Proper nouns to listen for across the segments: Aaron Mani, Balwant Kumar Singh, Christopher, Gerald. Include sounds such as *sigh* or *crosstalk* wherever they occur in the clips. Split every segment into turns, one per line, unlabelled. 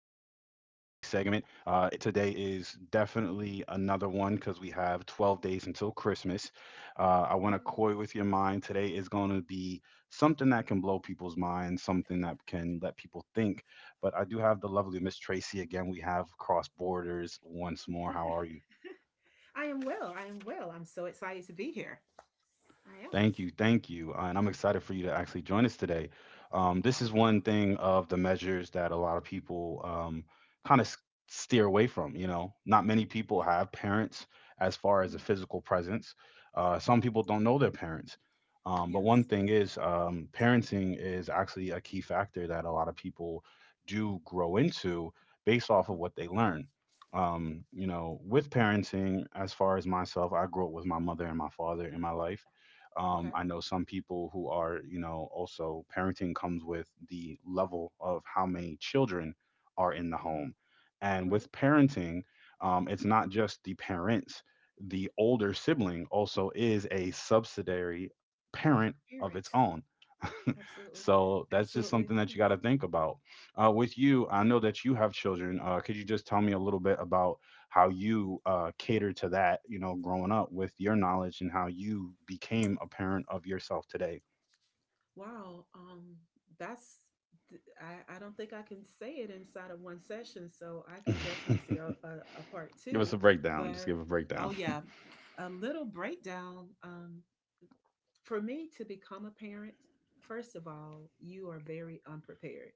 segment. Today is definitely another one because we have 12 days until Christmas. I want to
Yay.
coy with your mind. Today is going to be something that can blow people's minds, something that can let people think. But I do have the lovely Miss Tracy again. We have cross borders once more. How are you?
I am well. I am well. I'm so excited to be here. I am.
Thank you, thank you, and I'm excited for you to actually join us today. This is one thing of the measures that a lot of people kind of steer away from. You know, not many people have parents as far as a
Mm.
physical presence. Some people don't know their parents, but one
Yes.
thing is, parenting is actually a key factor that a lot of people do grow into based off of what they learn. You know, with parenting, as far as myself, I grew up with my mother and my father in my life,
Okay.
I know some people who are, you know, also parenting comes with the level of how many children are in the
Yeah.
home.
You're
And
right.
with parenting, it's not just the parents, the older sibling also is a subsidiary parent of its
Parent.
own. *laughs*
Absolutely.
So that's just
Absolutely.
something that you
Yes.
got to think about. With
Yeah.
you, I know that you have children. Could you just tell
Yeah.
me a little bit about how you cater to that, you know, growing up with your knowledge and how you became a parent of yourself today?
Wow. That's. I don't think I can say it inside of one session, so I
*laughs*
can definitely see
Give
a part
us
two.
a breakdown. Just
But
give a breakdown.
oh yeah, a little breakdown. For me to become a parent, first of all, you are very unprepared,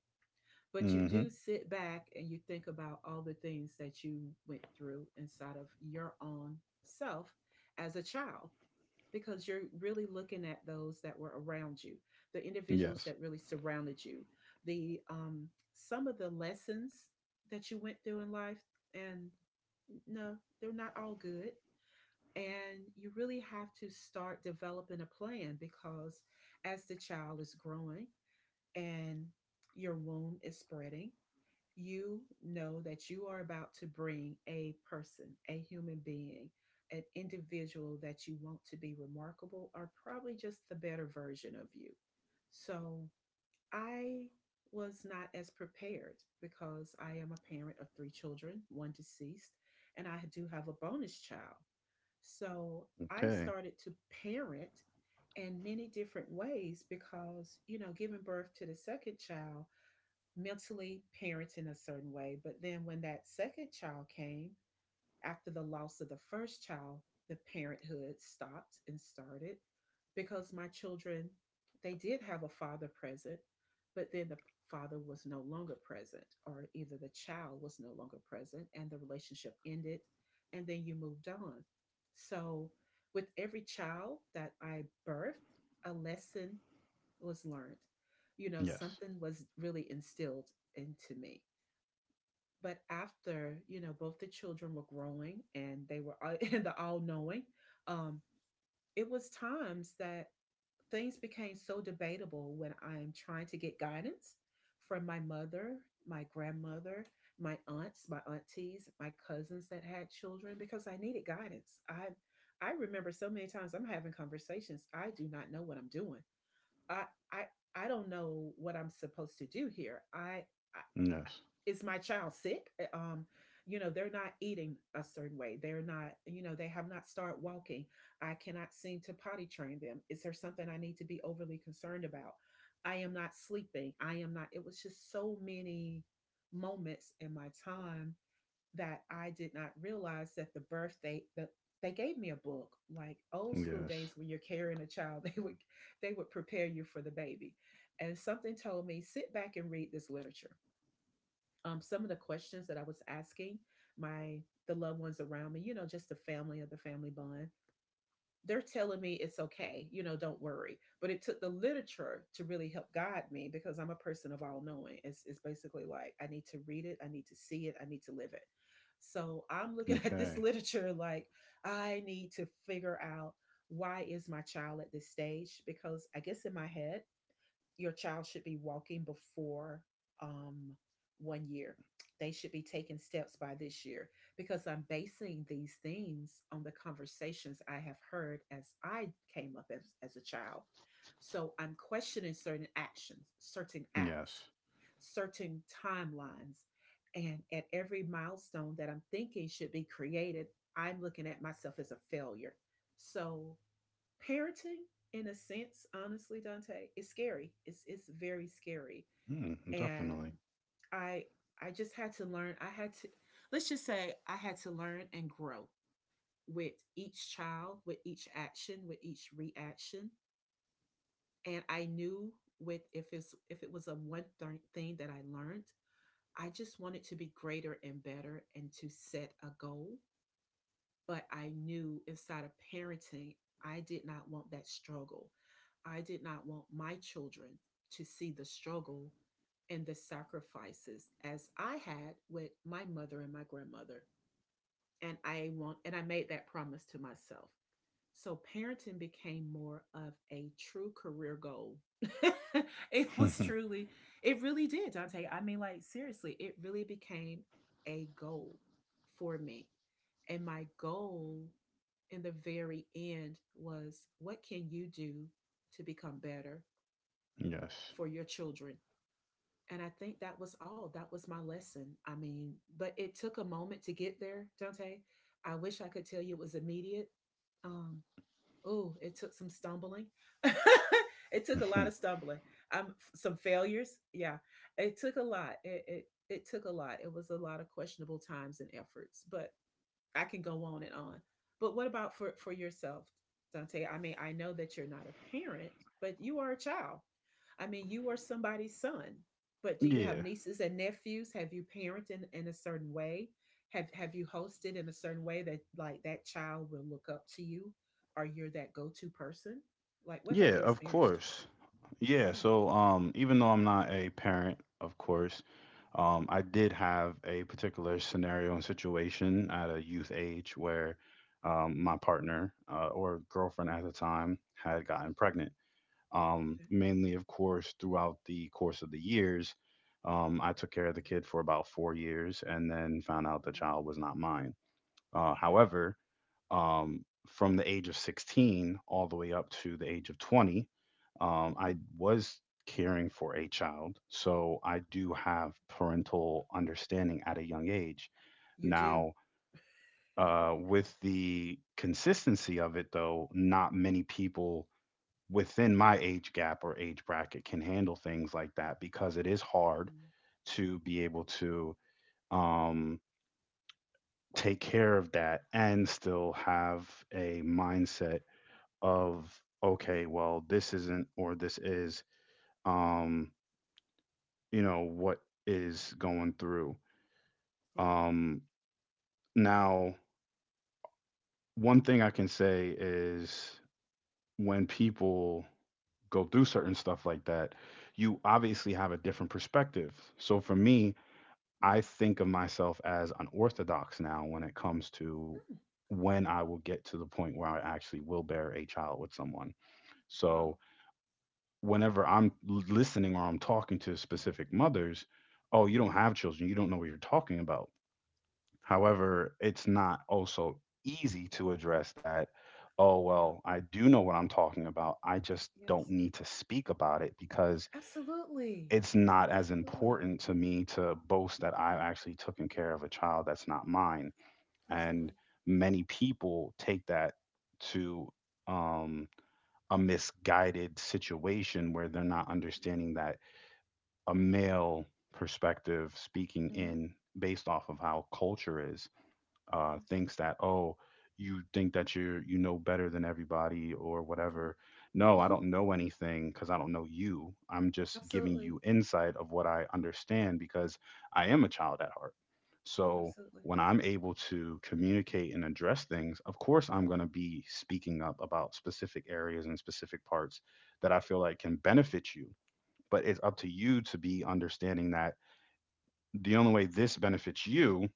but you
Hmm.
do sit back and you think about all the things that you went through inside of your own self as a child, because you're really looking at those that were around you, the individuals
Yes.
that really surrounded you, the some of the lessons that you went through in life. And no, they're not all good. And you really have to start developing a plan, because as the child is growing and your womb is spreading, you know that you are about to bring a person, a human being, an individual that you want to be remarkable or probably just the better version of you. So I was not as prepared because I am a parent of three children, one deceased, and I do have a bonus child. So I
Okay.
started to parent in many different ways because, giving birth to the second child mentally parents in a certain way. But then when that second child came, after the loss of the first child, the parenthood stopped and started because my children, they did have a father present, but then the father was no longer present, or either the child was no longer present and the relationship ended, and then you moved on. So with every child that I birthed, a lesson was learned.
Yes.
Something was really instilled into me. But after, both the children were growing and they were in *laughs* the all knowing. um, it was times that things became so debatable when I'm trying to get guidance from my mother, my grandmother, my aunts, my aunties, my cousins that had children because I needed guidance. I remember so many times I'm having conversations. I do not know what I'm doing. I I I don't know what I'm supposed to do here. I
Yes.
Is my child sick? They're not eating a certain way. They're not, they have not started walking. I cannot seem to potty train them. Is there something I need to be overly concerned about? I am not sleeping. I am not. It was just so many moments in my time that I did not realize that the birthday that they gave me a book, like old school
Yes.
days, when you're carrying a child. *laughs* They would prepare you for the baby, and something told me sit back and read this literature. Some of the questions that I was asking, my the loved ones around me, just the family of the family bond, they're telling me it's okay, don't worry. But it took the literature to really help guide me, because I'm a person of all knowing. It's basically like I need to read it, I need to see it, I need to live it. So I'm looking *laughs* at this
Okay.
literature like, I need to figure out why is my child at this stage, because I guess in my head your child should be walking before um, 1 year. They should be taking steps by this year because I'm basing these things on the conversations I have heard as I came up as a child. So I'm questioning certain actions, certain acts,
Yes.
certain timelines. And at every milestone that I'm thinking should be created, I'm looking at myself as a failure. So parenting, in a sense, honestly, Dante, is scary. It's very scary.
Mm,
And
definitely.
i I just had to learn. I had to, let's just say, I had to learn and grow with each child, with each action, with each reaction. And I knew, with if it was a one thing that I learned, I just wanted to be greater and better and to set a goal. But I knew inside of parenting, I did not want that struggle. I did not want my children to see the struggle and the sacrifices as I had with my mother and my grandmother. And I made that promise to myself. So parenting became more of a true career goal. *laughs* it was
*laughs*
truly, it really did, Dante. I mean, like seriously, it really became a goal for me. And my goal in the very end was, what can you do to become better
Yes.
for your children? And I think that was all. That was my lesson. I mean, but it took a moment to get there, Dante. I wish I could tell you it was immediate. Um, oh, it took some stumbling. *laughs* It took a lot of stumbling. Some failures. Yeah, it took a lot. It took a lot. It was a lot of questionable times and efforts, but I can go on and on. But what about for yourself, Dante? I mean, I know that you're not a parent, but you are a child. I mean, you are somebody's son. But do
*laughs*
you have
Yeah.
nieces and nephews? Have you parented in a certain way? Have you hosted in a certain way that, like, that child will look up to you, or you're that go-to person? Like, what have
Yeah,
you
of
experienced?
course. Yeah,
Yeah.
so even though I'm not a parent, of course,
Hmm.
I did have a particular scenario and situation at a youth age where my partner, or girlfriend at the time had gotten
Hmm.
pregnant.
Okay.
Mainly, of course, throughout the course of the years, I took care of the kid for about 4 years and then found out the child
Wow.
was not mine.
Okay.
However, from the age of 16 all the way up to the age of 20,
Hmm.
I was caring for a child. So I do have parental understanding at a young age.
You do.
Now, with the consistency of it, though, not many people within my age gap or age bracket can handle things like that, because it is hard
Mm.
to be able to um, take care of that and still have a mindset of, okay, well, this isn't or this is, um you know what is going through.
Yeah.
um Now, one thing I can say is, when people go through certain stuff like that, you obviously have a different perspective. So for me, I
Mm.
think of myself as unorthodox now when it comes to
Mm.
when I will get to the point where I actually will bear a child with someone. So
Wow.
whenever I'm
Wow.
listening or I'm talking to specific mothers, oh, you don't
Uh-huh.
have children, you don't know what you're talking about. However, it's not also easy to address that. Oh,
Yeah.
well, I do know what I'm talking about. I just don't
Yes.
need to speak about it because
Absolutely.
it's not as
Absolutely.
important to me to boast that I've actually taken care of a child that's not mine. And
Absolutely.
many people take that to, um, a misguided situation where they're not
No.
understanding that a male perspective speaking
Hmm.
in based off of how culture is,
Yes.
thinks that, oh, you think that you're, you know, better than everybody or
No.
whatever. No, I
Mhm.
don't know anything because I don't know you. I'm just giving
Absolutely.
you insight of what I understand because I am a child at heart. So
Absolutely.
when I'm able to communicate and address things, of course I'm going to be speaking up about specific areas and specific parts that I feel like can benefit you. But it's up to you to be understanding that the only way this benefits you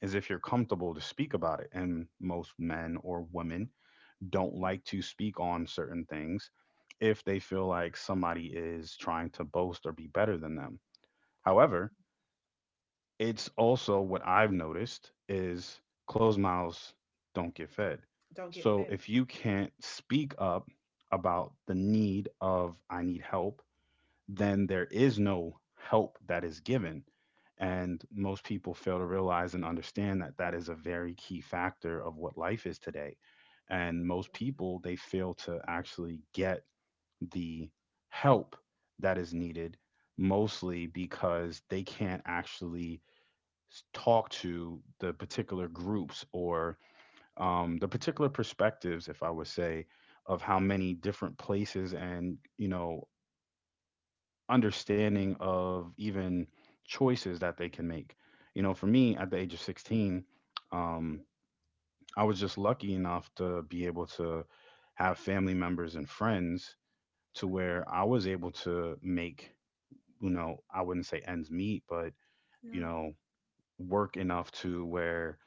is if you're comfortable to speak about it. And most men or women don't
Hmm.
like to speak on certain things if they feel like somebody is trying to boast or be better than them. However, it's also what I've noticed is closed mouths don't get fed.
Don't get
So
fed.
if you can't speak up about the need of I need help, then there is no help that is given. And most people fail to realize and understand that that is a very key factor of what life is today. And most
Absolutely.
people, they fail to actually get the help that is needed, mostly because they can't actually talk to the particular groups or the particular perspectives, if I would say, of how many different places and, you know,
Yeah.
understanding of even choices that they can make. You know, for me at the age of 16, um,
Hmm.
I was just lucky enough to be able to have family members and friends to
Okay.
where I was able to make, you know, I wouldn't say ends meet, but, you
Yeah.
know, work enough to where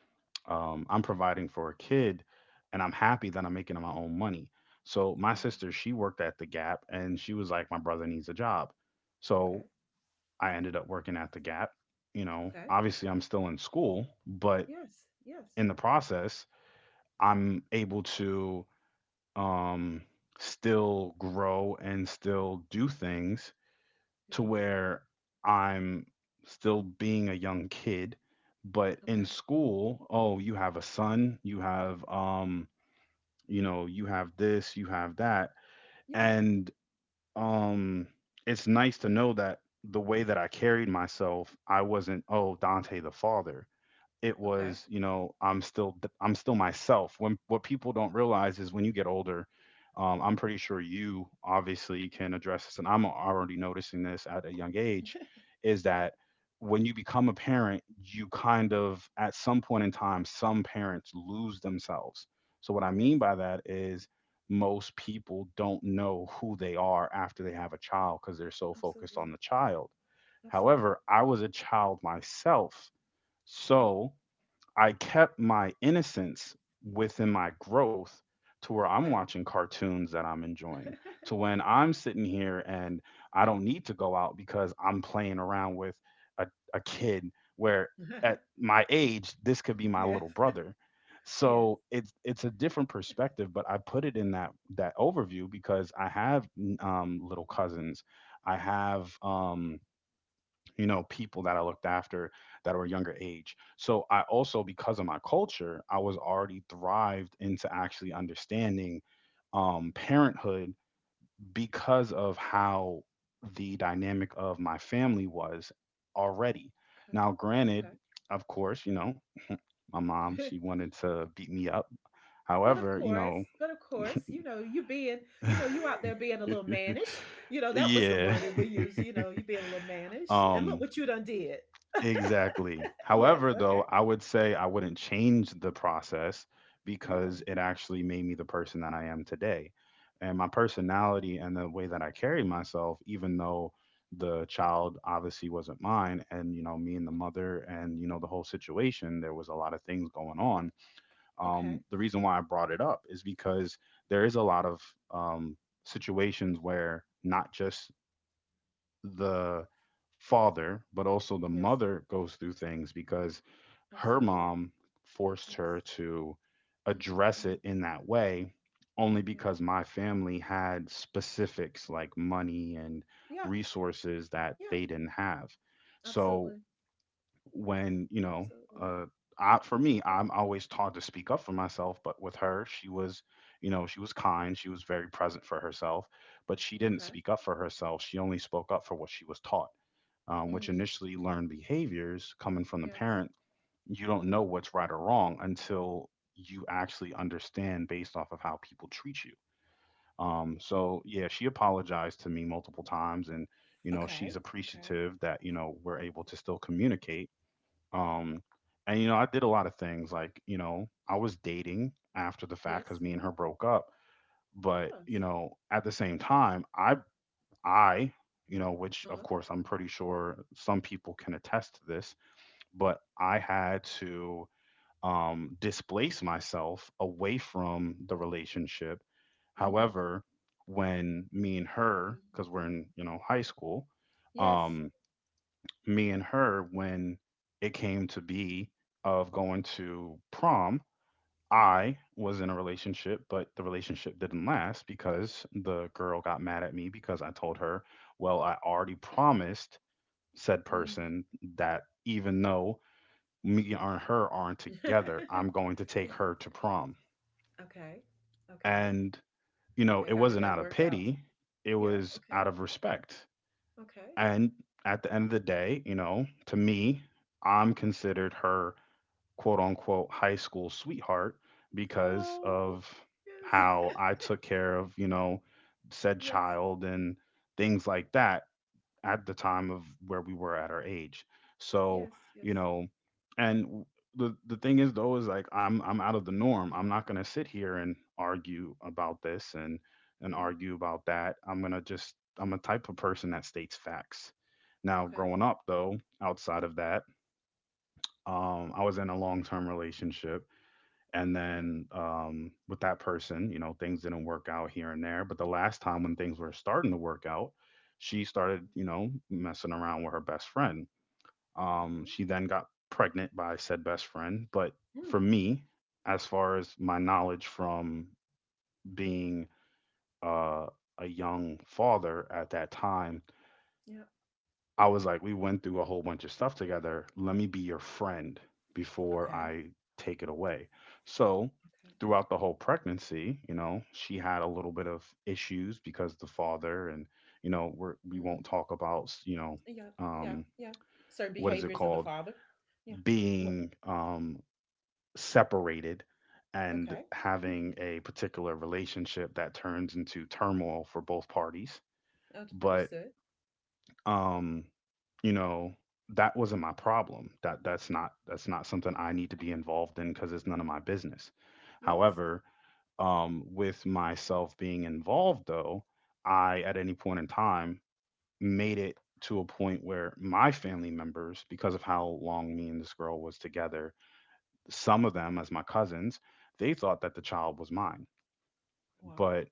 I'm providing for a kid and I'm happy that I'm making my own money. So my
Wow.
sister, she worked at the Gap and she was like, my brother needs a job. So
Okay.
I ended up working at the Gap. You know,
Okay.
obviously I'm still in school, but
Yes. Yes.
in the process, I'm able to um, still grow and still do things to
Yeah.
where I'm still being a young kid. But in
Okay.
school, oh, you have a son, you have, you know, you have this, you have that.
Yeah.
And um it's nice to know that the way that I carried myself, I wasn't, oh, Dante the father, it
Okay.
was, you know, I'm still myself. When what people don't realize is when you get older, I'm pretty sure you obviously can address this and I'm already noticing this at a young age, is that when you become a parent you kind of at some point in time some parents lose themselves. So what I
Yes.
mean by that is most people don't know who they are after they have a child because they're so focused
Absolutely.
on the child. However,
Absolutely.
I was a child myself,
Hmm.
so I kept my innocence within my growth to where I'm
Okay.
watching cartoons that I'm enjoying, to
*laughs*
when I'm sitting here and I don't need to go out because I'm playing around with a, a kid where at
*laughs*
my age, this could be my
Yes,
little brother.
yes.
So it's a different perspective, but I put it in that overview because I have, little cousins, I have, you know, people that I looked after that were younger age. So I also, because of my culture, I was already thrived into actually understanding, parenthood, because of how the dynamic of my family was already. Now, granted,
Okay.
of course, you know, my mom,
Okay.
she wanted to beat me up.
*laughs* But of
However, you
course,
know,
but of course, you out
*laughs*
there being a little mannish. That was the
yeah.
word that we
*laughs*
used, you being a little mannish. And look
Um,
what you done did.
Exactly.
Yes,
However,
okay.
though, I would say I wouldn't change the process because
No.
it actually made me the person that I am today. And my personality and the way that I carry myself, even though the child obviously wasn't mine, and, you know, me and the mother and, you know, the whole situation, there was a lot of things going on.
Okay.
The reason why I brought it up is because there is a lot of um situations where not just the father, but also the
Yes,
mother goes through things because her
absolutely.
mom forced
Yes.
her to address
Hmm.
it in that way only
Yeah.
because my family had specifics like money and
Yeah.
resources that
Yeah.
they didn't have. So
Absolutely.
when, you know,
Absolutely.
uh I, for me,
Yeah.
I'm always taught to speak up for myself, but with her, she was, you know, she was kind, she was very present for herself, but she didn't
Okay.
speak up for herself, she only spoke up for what she was taught, which
Mm.
initially learned behaviors coming from the
Yes.
parent. You don't know what's right or wrong until you actually understand based off of how people treat you. So yeah, she apologized to me multiple times, and you know,
Okay.
she's
Okay.
appreciative that, you know, we're able to still communicate. um, and you know, I did a lot of things like, you know, I was dating after the fact because
Yes.
me and her broke up. But, you
Yes.
know, at the same time, I, you know, which
Uh
of
huh.
course I'm pretty sure some people can attest to this, but I had to displace myself away from the relationship.
Mm.
However, when me and her,
Mm.
because we're in, you know, high school,
Yes.
um, me and her, when it came to be of going to prom.
Uh huh.
I was in a relationship, but the relationship didn't last because the girl got mad at me because I told her, well, I already promised said
Mm.
person that even though me and her aren't together, I'm
*laughs*
going to take
Yeah.
her to prom.
Okay. Okay.
And, you know,
Okay.
it
How did
wasn't
that
out of
work out?
pity, it
Yeah.
was
Okay.
out of respect.
Okay.
And at the end of the day, you know, to me, I'm considered her quote unquote high school sweetheart because
Oh,
of
yes.
how
*laughs*
I took care of, you know, said
Yes.
child and things like that at the time of where we were at our age. So,
Yes. Yes.
you know, and the thing is though is like I'm out of the norm. I'm not going to sit here and argue about this and
Yeah.
argue about that. I'm going to just I'm a type of person that states facts. Now,
Okay.
growing up though, outside of that, I was in a long term relationship, and
Okay.
then with that person, you know, things didn't work out here and there. But the last time when things were starting to work out, she started, you know, messing around with her best friend.
Mm-hmm.
She then got pregnant by said best friend. But
Mm.
for me, as far as my knowledge from being uh, a young father at that time,
Yeah.
I was like, we went through a whole bunch of stuff together. Let me be your friend before
Okay.
I take it away. So,
Okay.
throughout the whole pregnancy, you know, she had a little bit of issues because the father and, you know, we
Mm.
won't talk about, you know,
Yeah. Yeah.
um,
Yeah. Certain
what is it
behaviors of the
called?
father. Yeah. What?
Being separated and
Okay.
having a particular relationship that turns into turmoil for both parties. But
Understood.
um you know that wasn't my problem. That's not something I need to be involved in because it's none of my business.
Yes.
However, with myself being involved though, I at any point in time made it to a point where my family members, because of how long me and this girl was together, some of them as my cousins, they thought that the child was mine.
Wow.
But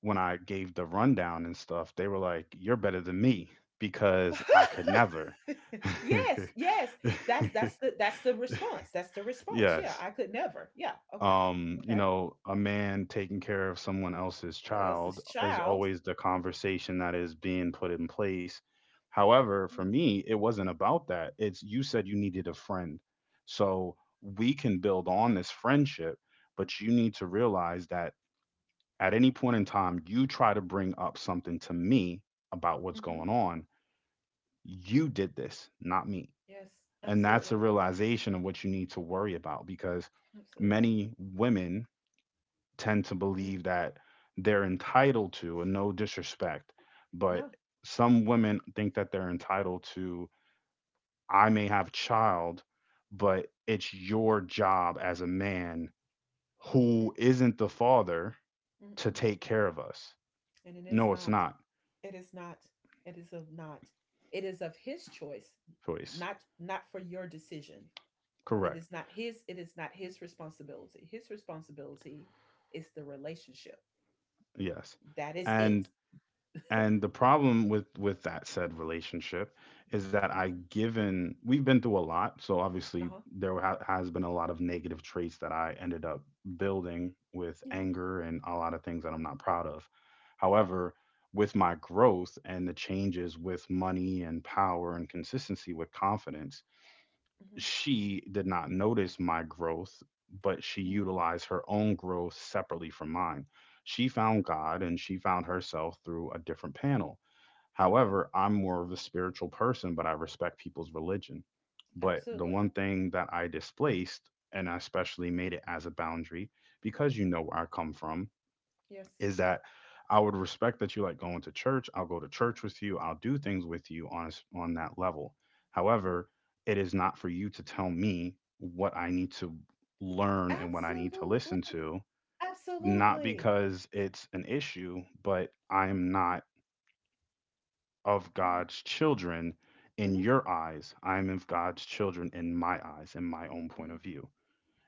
when I gave the rundown and stuff, they were like, "You're better than me because I could never."
*laughs*
*laughs*
Yes, yes. That's the response. That's the response. Yeah,
Yes.
I could never. Yeah. Okay.
You
Okay.
know, a man taking care of someone else's
What else
child
is
is
child?
always the conversation that is being put in place. However, for me, it wasn't about that. It's you said you needed a friend. So we can build on this friendship, but you need to realize that at any point in time you try to bring up something to me about what's
Mm-hmm.
going on, you did this, not me.
Yes.
And that's a
Absolutely.
realization of what you need to worry about because
Absolutely.
many women tend to
Mm.
believe that they're entitled to, and no disrespect, but
No.
some women think that they're entitled to, I may have a child, but it's your job as a man
Mm,
who isn't the father
mm,
to
mm.
take care of us.
And it is
No, it's
not.
not,
It is not. It is of not. It is of his choice,
Joyce.
not for your decision. It
Correct.
is not his. It is not his responsibility. His responsibility is the relationship.
Yes.
That is it.
And the problem with that said relationship is that I,
*laughs*
given we've been through a lot, so obviously
Uh-huh.
there has been a lot of negative traits that I ended up building with
Yeah.
anger and a lot of things that I'm not proud of.
Yeah.
However, with my growth and the changes with money and power and consistency with confidence,
Mm-hmm.
she did not notice my growth, but she
Mm.
utilized her own growth separately from mine. She found God and she found herself through a different panel.
Okay.
However, I'm more of a spiritual person, but I respect people's religion. But the
Absolutely.
one thing that I displaced, and I especially made it as a boundary, because you know where I come from,
Yes.
is that I would respect that you like going to church. I'll go to church with you. I'll do things with you on a s on that level. However,
Hmm.
it is not for you to tell me what I need to learn and what I need to
Absolutely.
listen to, not
Absolutely.
because it's an issue, but I'm not of
Mm-hmm.
God's children in your eyes. I'm of God's children in my eyes, in my own point
Mm-hmm. Mm.
of view.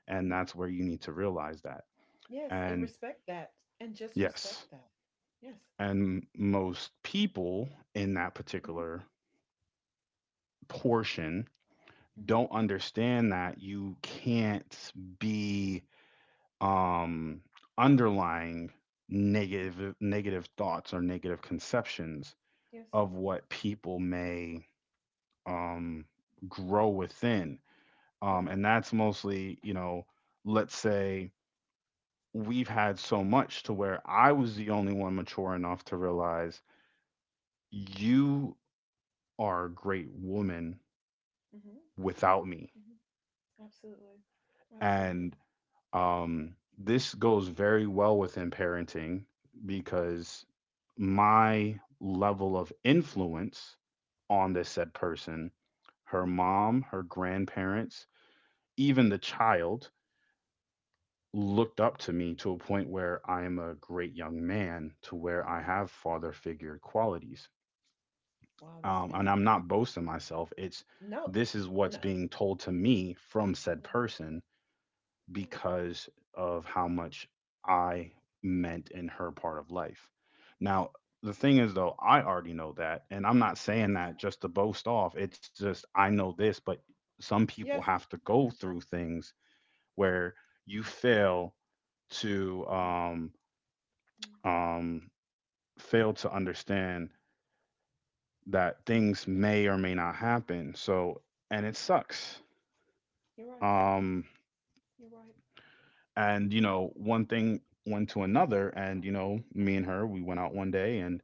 And
Mm.
that's where you need to realize that.
Yes, and
And
respect that, and just
yes,
respect that. Yes.
and most people in that
Hmm.
particular portion
Hmm.
don't understand that you can't be um underlying
Hmm.
negative thoughts or negative conceptions
Yes.
of what people may um grow within.
Yeah.
And that's mostly, you know, let's say we've had so much to where I was the only one mature enough to realize you are a great woman
Hmm.
without me.
Hmm. Absolutely.
And
Absolutely.
this goes very well within parenting because my level of influence on this said person, her
Hmm.
mom, her grandparents, even the child looked up to me to a point where I am a great young man to where I
Wow.
have father figure qualities.
Wow, that's
And I'm
beautiful.
not boasting myself. It's
No.
this is what's
No.
being told to me from said
No.
person
Yeah.
because of how much I meant in her part of life. Now, the thing is, though, I already know that. And I'm not saying
Yes.
that just to boast off. It's just, I know this, but some people
Yes.
have to go through things where you fail to,
Hmm.
um, fail to understand that
Yes.
things may or may not happen. So, and it sucks.
You're right.
Um,
You're right.
and you know one thing went to another and you know me and her, we went out 1 day, and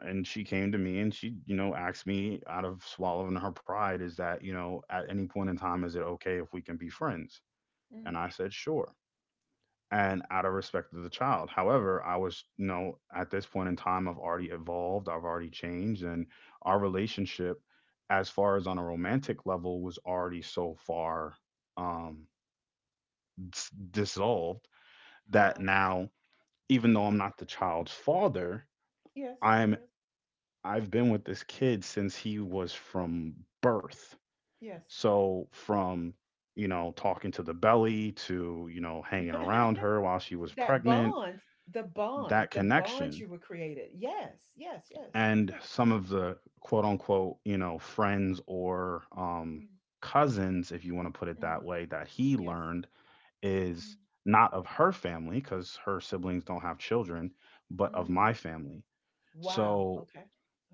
she came to me and she, you know, asked me, out of swallowing her pride, is that, you know, at any point in time, is it okay if we can be friends?
Mm.
And I said sure,
Wow.
and out of respect to the child. However, I was, you know, at this point in time, I've already evolved, I've already changed, and our relationship as far as on a romantic level was already so far, um dissolved, that
Yeah.
now, even though I'm not the child's father,
Yes,
I'm I've been with this kid since he was from birth.
yes, yes.
So from, you know, talking to the belly to, you know, hanging around
*laughs*
her while she was
That
pregnant,
bond, the bond,
that
the bond
connection
you were created. Yes, yes, yes,
and
yes.
some of the quote unquote, you know, friends or
Mm,
cousins, if you want to put it
mm,
that way, that he
yes.
learned
Mm,
is not of her family because her siblings don't have children, but of my
mm.
family.
Wow.
So,
Okay.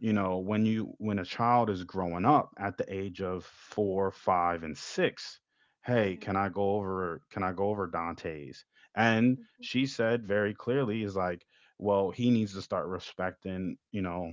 you
Okay.
know, when a child is growing up at the age of four five and six, "Hey,
Yeah.
can I go over, Dante's?" And
Mhm.
she said very clearly is like, well, he needs to start respecting, you know,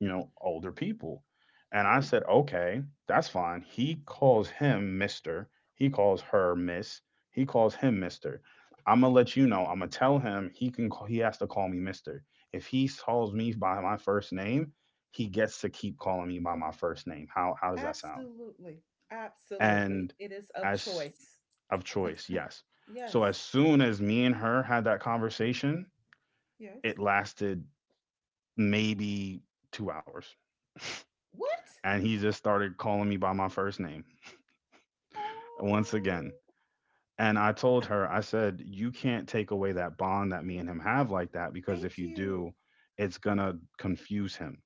older people. And I
Mm,
said, okay, that's fine. He calls him Mr. He calls her Miss. He calls him Mr. I'm gonna let you know. I'm gonna tell him he can call, he has to call me Mr. If he calls me by my first name, he gets to keep calling me by my first name. How does that sound?
absolutely. Absolutely.
And
It is of
as
choice.
of choice, yes. So as
Yes.
soon as me and her had that conversation,
Yes.
it lasted maybe 2 hours
What?
and he just started calling me by my first name once again.
Oh,
And I told her, I said, you can't take away that bond that me and him have like that,
*laughs*
because
thank
if you
you.
do, it's gonna confuse him.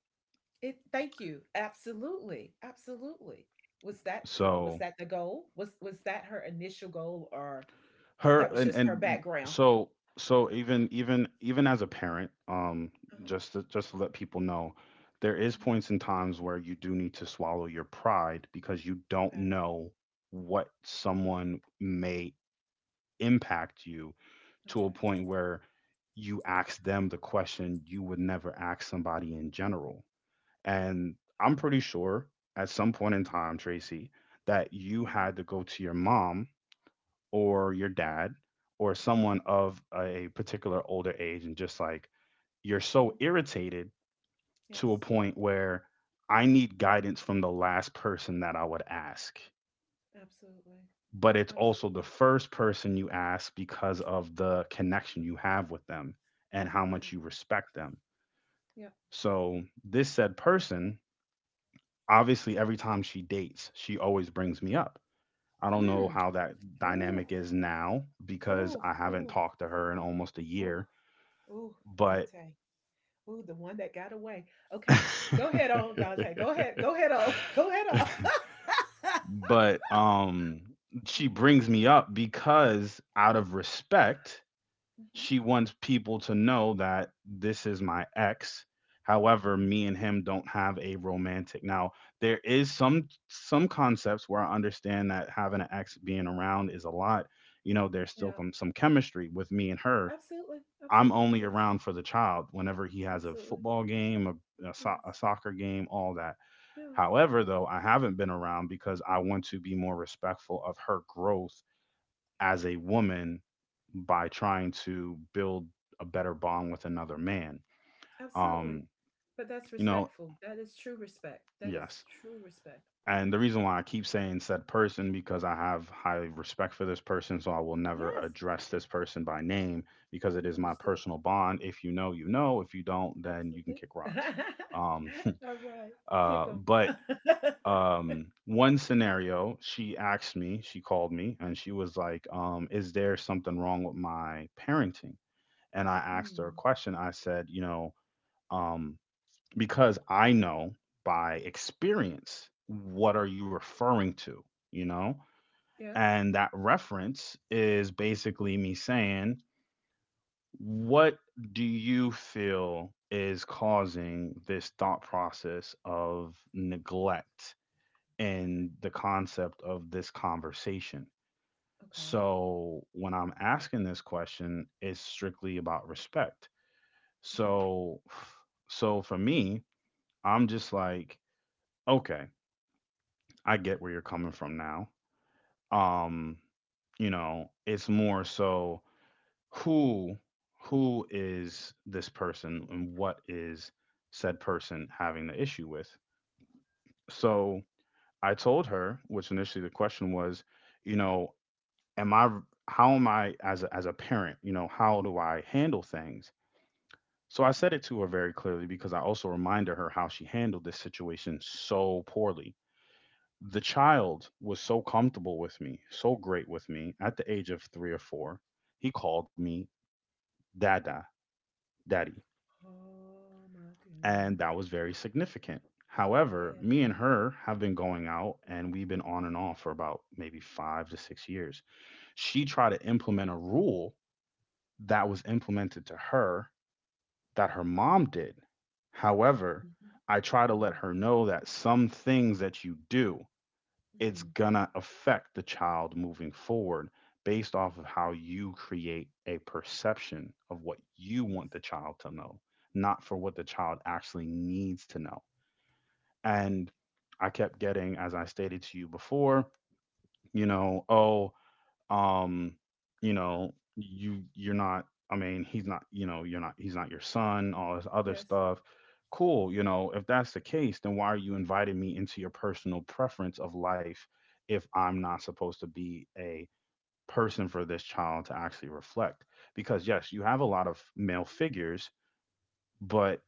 It Thank you. Absolutely, absolutely. Was
So
that the goal? Was that her initial goal, or
her
that was
and
just her background?
so even as a parent,
Uh-huh,
just to, let people know, there is
mhm,
points in times where you do need to swallow your pride because you don't
okay,
know what someone may impact you to a
okay.
point where you ask them the question you would never ask somebody in general. And I'm
Oh,
pretty sure at some point in time, Tracy, that you
yeah.
had to go to your mom or your dad or
Mhm,
someone
mhm,
of a particular older age and just like, you're
mhm.
so irritated
Yes,
to a point where I need guidance from the last person that I would ask,
absolutely,
but it's also the
absolutely.
first person you ask because of the connection you have with them and how
Yeah,
much you respect them.
yeah, yeah.
So, this said person, obviously, every time she dates, she always brings me up. I don't know
Mm.
how that
Ooh,
dynamic is now because
ooh,
I haven't
ooh,
talked to her in almost a
ooh,
year,
ooh,
but
Dante. Ooh, the one that got away. Okay, go ahead on, Dante. Go ahead. Go
*laughs*
ahead on. *laughs* Go ahead on. *laughs*
but she
Oh my
brings
goodness.
me up because out of respect
Mm-hmm,
she wants people to know that this is my ex. However,
mm.
me and him don't have a romantic. Now, there is some concepts where I understand that having an ex being around is a lot. You know, there's still
Yeah,
some chemistry with me and her.
absolutely,
I'm only around for the child whenever he has a
absolutely,
football game, a
yes,
soccer game, all that.
yeah,
However, though, I haven't been around because I want to be more respectful of her growth
yeah,
as a woman by trying to build a better bond with another man.
absolutely.
Um,
But that's
you know,
respectful. That is true respect. That is
yes.
true respect.
And
Okay.
the reason why I keep saying said person because I have high respect for this person, so I will never
Yes,
address this person by name because it is my
understood.
personal bond. If you know, you know. If you don't, then you can
Absolutely.
kick rocks. Um,
*laughs* All right, kick them.
but
*laughs*
one scenario, she asked me, she called me, and she was like, "Is there something wrong with my parenting?" And I asked her a
Hmm.
question. I said, um, because I know by experience, what are you referring to? You know?
Yeah.
And that reference is basically me saying, what do you feel is causing this thought process of
All right.
neglect in the concept of this conversation?
Okay. Okay.
So when I'm asking this question, it's strictly about respect.
Hmm.
So, so for me, I'm just like, okay, I get where you're coming from now. Um, you know, it's more so who who is this person and what is said person having the issue with. So I told her, which initially the question was, you know, am I how am I as a parent, you know, how do I handle things? So I said it to her very clearly because I also reminded her how she handled this situation so poorly. The child was so comfortable with me, so great with me at the age of three or four. He called me Dada, Daddy,
Oh my
and
goodness.
that was very significant. However,
Yes.
me and her have been going out and we've been on and off for about maybe 5 to 6 years. She tried to implement a rule that was implemented to her that her mom did. However,
Mhm.
I try to let
Mm.
her know that some things that you do, it's
Mm.
gonna affect the child moving forward based off of how you create a perception of what you want the child to know, not for what the child actually needs to know. And I kept getting, as I stated to you before, you know, um you know, you you're not I mean he's not, you know, you're not he's not your son, all this other
Yes. Yes.
stuff. Cool, you know, if that's the case, then why are you inviting me into your personal preference of life if I'm not supposed to be a person for this child to actually reflect? Because yes, you have a lot of male figures, but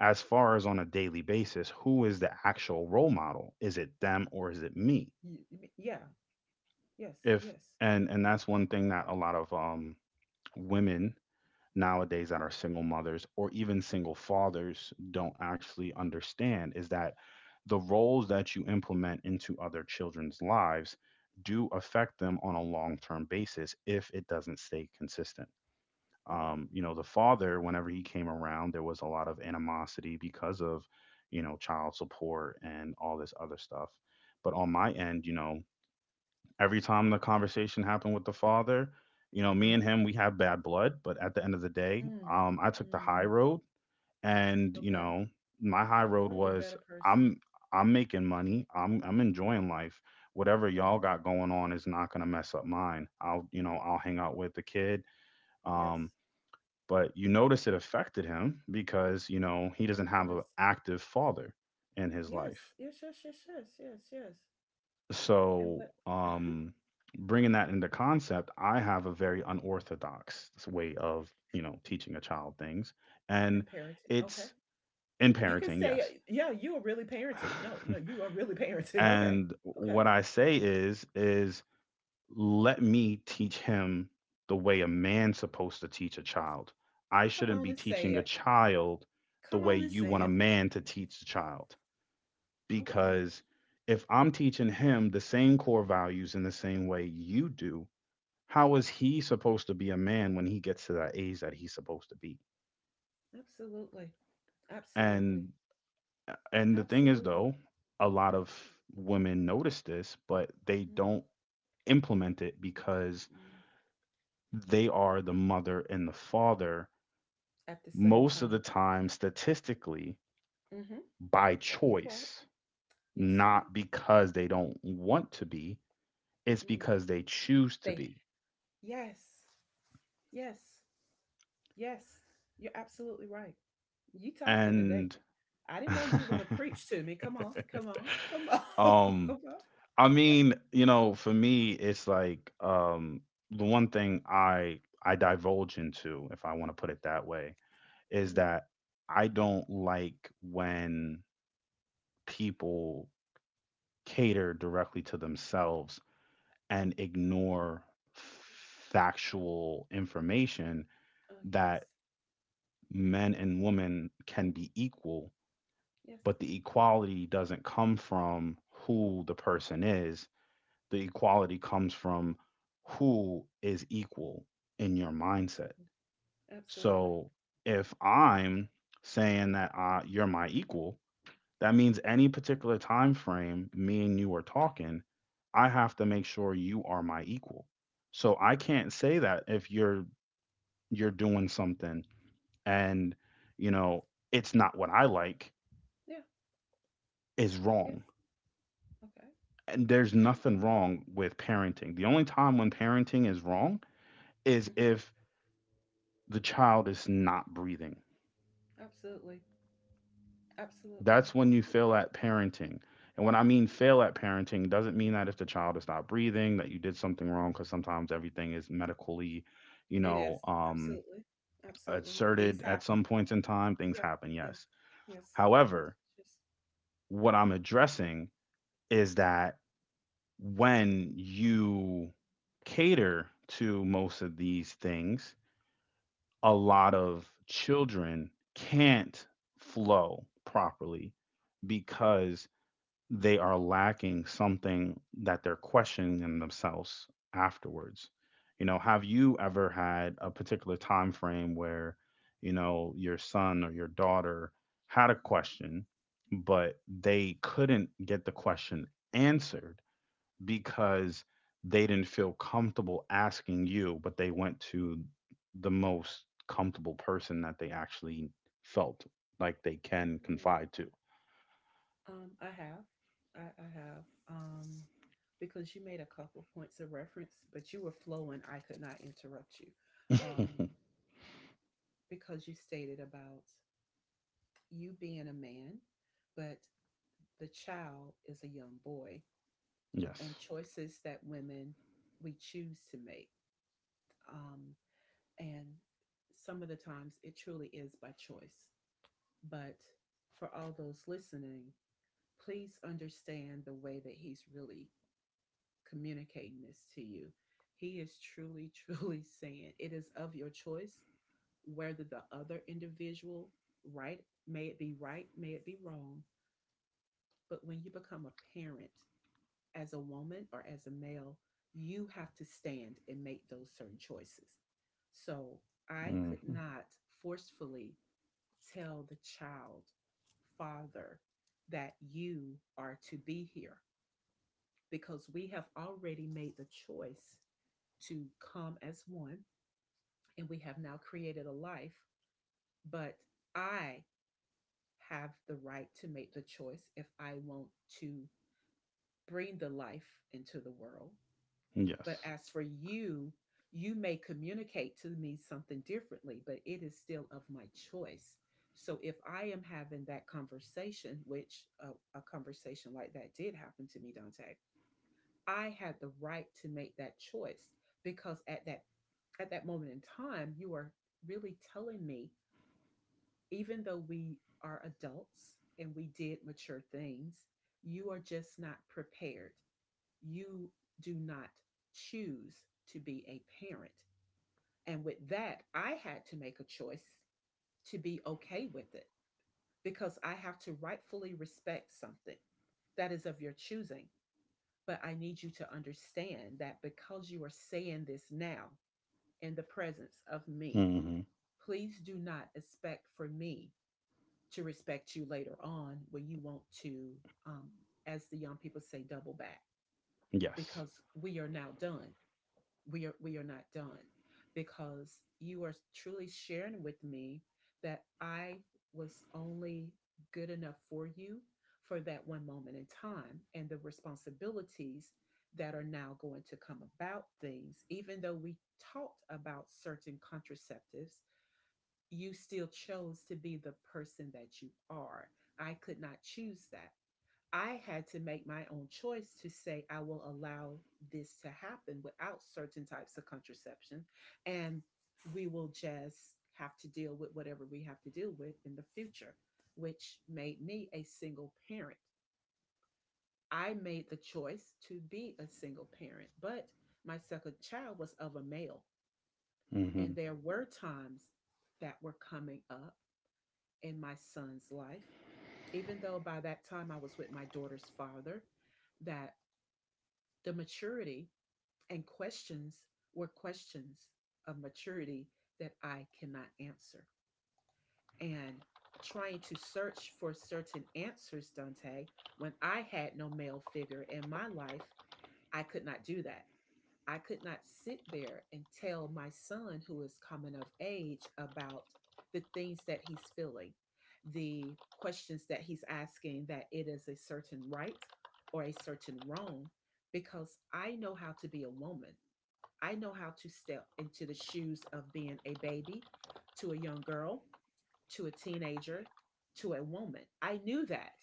as far as on a daily basis, who is the actual role model? Is it them or is it me?
Yeah. Yes.
if
Yes.
and and that's one thing that a lot of women nowadays that are single mothers or even single fathers don't actually understand, is that the roles that you implement into other children's lives do affect them on a long-term basis if it doesn't stay consistent.
You're right.
You know, the father, whenever he came around, there was a lot of animosity because of, you know, child support and all this other stuff. But on my end, you know, every time the conversation happened with the father, you know, me
Uh-huh.
and him, we have bad blood, but at the end of the day,
Mm,
I took the high
mm,
road, and you
okay.
know, my high
You
road
are the
was
better person.
I'm I'm making money, I'm enjoying life. Whatever
Yes.
y'all got going on is not gonna mess up mine. I'll, you know,
No.
I'll hang out with the kid,
Yes.
um, but you notice it affected him because you know he
Of
doesn't have an
course.
active father in his
Yes.
life.
Yes, yes, yes, yes, yes, yes. And
So,
what? *laughs*
bringing that into concept, I have a very unorthodox way of, you know, teaching a child things. And
And parenting. Okay.
it's in
You can
parenting,
say,
yes.
yeah, you are really parenting. No, no,
*laughs*
you are really parenting. *laughs* Okay.
And
Okay.
what I say is let me teach him the way a man's supposed to teach a child. I
Come
shouldn't
on
be
and say
teaching a
it.
child the
Come
way
on and
you
say
want a
it.
man to teach the child,
Okay.
because if I'm teaching him the same core values in the same way you do, how is he supposed to be a man when he gets to that age that he's supposed to be?
Absolutely. Absolutely.
And and the thing is
Absolutely.
though, a lot of women notice this, but they
Mm,
don't implement it because
mm.
they are the mother and the father
At the same
most of the
time.
time statistically
Mm-hmm.
by
You're right.
choice,
Yes, right.
not because they don't want to be, it's
Mm.
because they choose to
They,
be.
yes. Yes. Yes. You're absolutely right. You talking today.
And
I didn't know you
*laughs*
were going to preach to me. Come on. Come on. Come on. *laughs*
um
Come on.
I
Yeah.
mean, you know, for me, it's like the one thing I divulge into, if I want to put it that way, is
hmm
that I don't like when people cater directly to themselves and ignore factual information,
Oh, yes.
that men and women can be equal,
Yes.
but the equality doesn't come from who the person is. The equality comes from who is equal in your mindset.
Absolutely. Absolutely.
So if I'm saying that you're my equal, that means any particular time frame me and you are talking, I have to make sure you are my equal. So I can't say that if you're doing something and you know it's not what I like
Yeah.
is
Yes.
wrong.
Okay.
And there's nothing wrong with parenting. The only time when parenting is wrong is
Hmm.
if the child is not breathing.
Absolutely. Absolutely.
That's when you fail at parenting. And when I mean fail at parenting, doesn't mean that if the child is not breathing that you did something wrong, because sometimes everything is medically, you
It
know,
is.
um,
Absolutely. Absolutely. Things
asserted at
happen.
some points in time. Things
Yeah,
happen,
yes,
yes.
yes, yes, yes,
However,
yes.
what I'm addressing is that when you cater to most of these things, a lot of children can't flow properly
Yeah,
because they are lacking something that they're questioning in themselves afterwards. You know, have you ever had a particular time frame where, you know, your son or your daughter had a
mhm,
question, but they couldn't get the question answered because they didn't feel comfortable asking you, but they went to the most comfortable person that they actually felt like they can
yeah.
confide to?
I have, I have. Because you made a couple points of reference, but you were flowing. I could not interrupt you. Um,
*laughs*
because you stated about you being a man, but the child is a young boy,
Yes.
and choices that women we choose to make. Um, and some of the times it truly is by choice, but for all those listening, please understand the way that he's really communicating this to you. He is truly, *laughs* truly saying it is of your choice whether the other individual, right, may it be right, may it be wrong, but when you become a parent as a woman or as a male, you have to stand and make those certain choices. So I could
Hmm.
not forcefully tell the child, father, that you are to be here because we have already made the choice to come as one, and we have now created a life. But I have the right to make the choice if I want to bring the life into the world. But
Yes.
as for you, you may communicate to me something differently, but it is still of my choice. So if I am having that conversation, which a conversation like that did happen to me, Dante, I had the right to make that choice because at that moment in time, you are really telling me, even though we are adults and we did mature things, you are just not prepared. You do not choose to be a parent. And with that, I had to make a choice to be okay with it, because I have to rightfully respect something that is of your choosing. But I need you to understand that because you are saying this now in the presence of me,
Hmm.
please do not expect for me to respect you later on when you want to, um, as the young people say, double back.
Yes.
Because we are now done. We are not done, because you are truly sharing with me that I was only good enough for you for that one moment in time, and the responsibilities that are now going to come about things. Even though we talked about certain contraceptives, you still chose to be the person that you are. I could not choose that. I had to make my own choice, to say I will allow this to happen without certain types of contraception. And we will just have to deal with whatever we have to deal with in the future, which made me a single parent. I made the choice to be a single parent, but my second child was of a male.
Hmm.
And there were times that were coming up in my son's life, even though by that time I was with my daughter's father, that the maturity and questions were questions of maturity that I cannot answer. And trying to search for certain answers, Dante, when I had no male figure in my life, I could not do that. I could not sit there and tell my son, who is coming of age, about the things that he's feeling, the questions that he's asking, that it is a certain right or a certain wrong, because I know how to be a woman. I know how to step into the shoes of being a baby to a young girl to a teenager, to a woman. I knew that,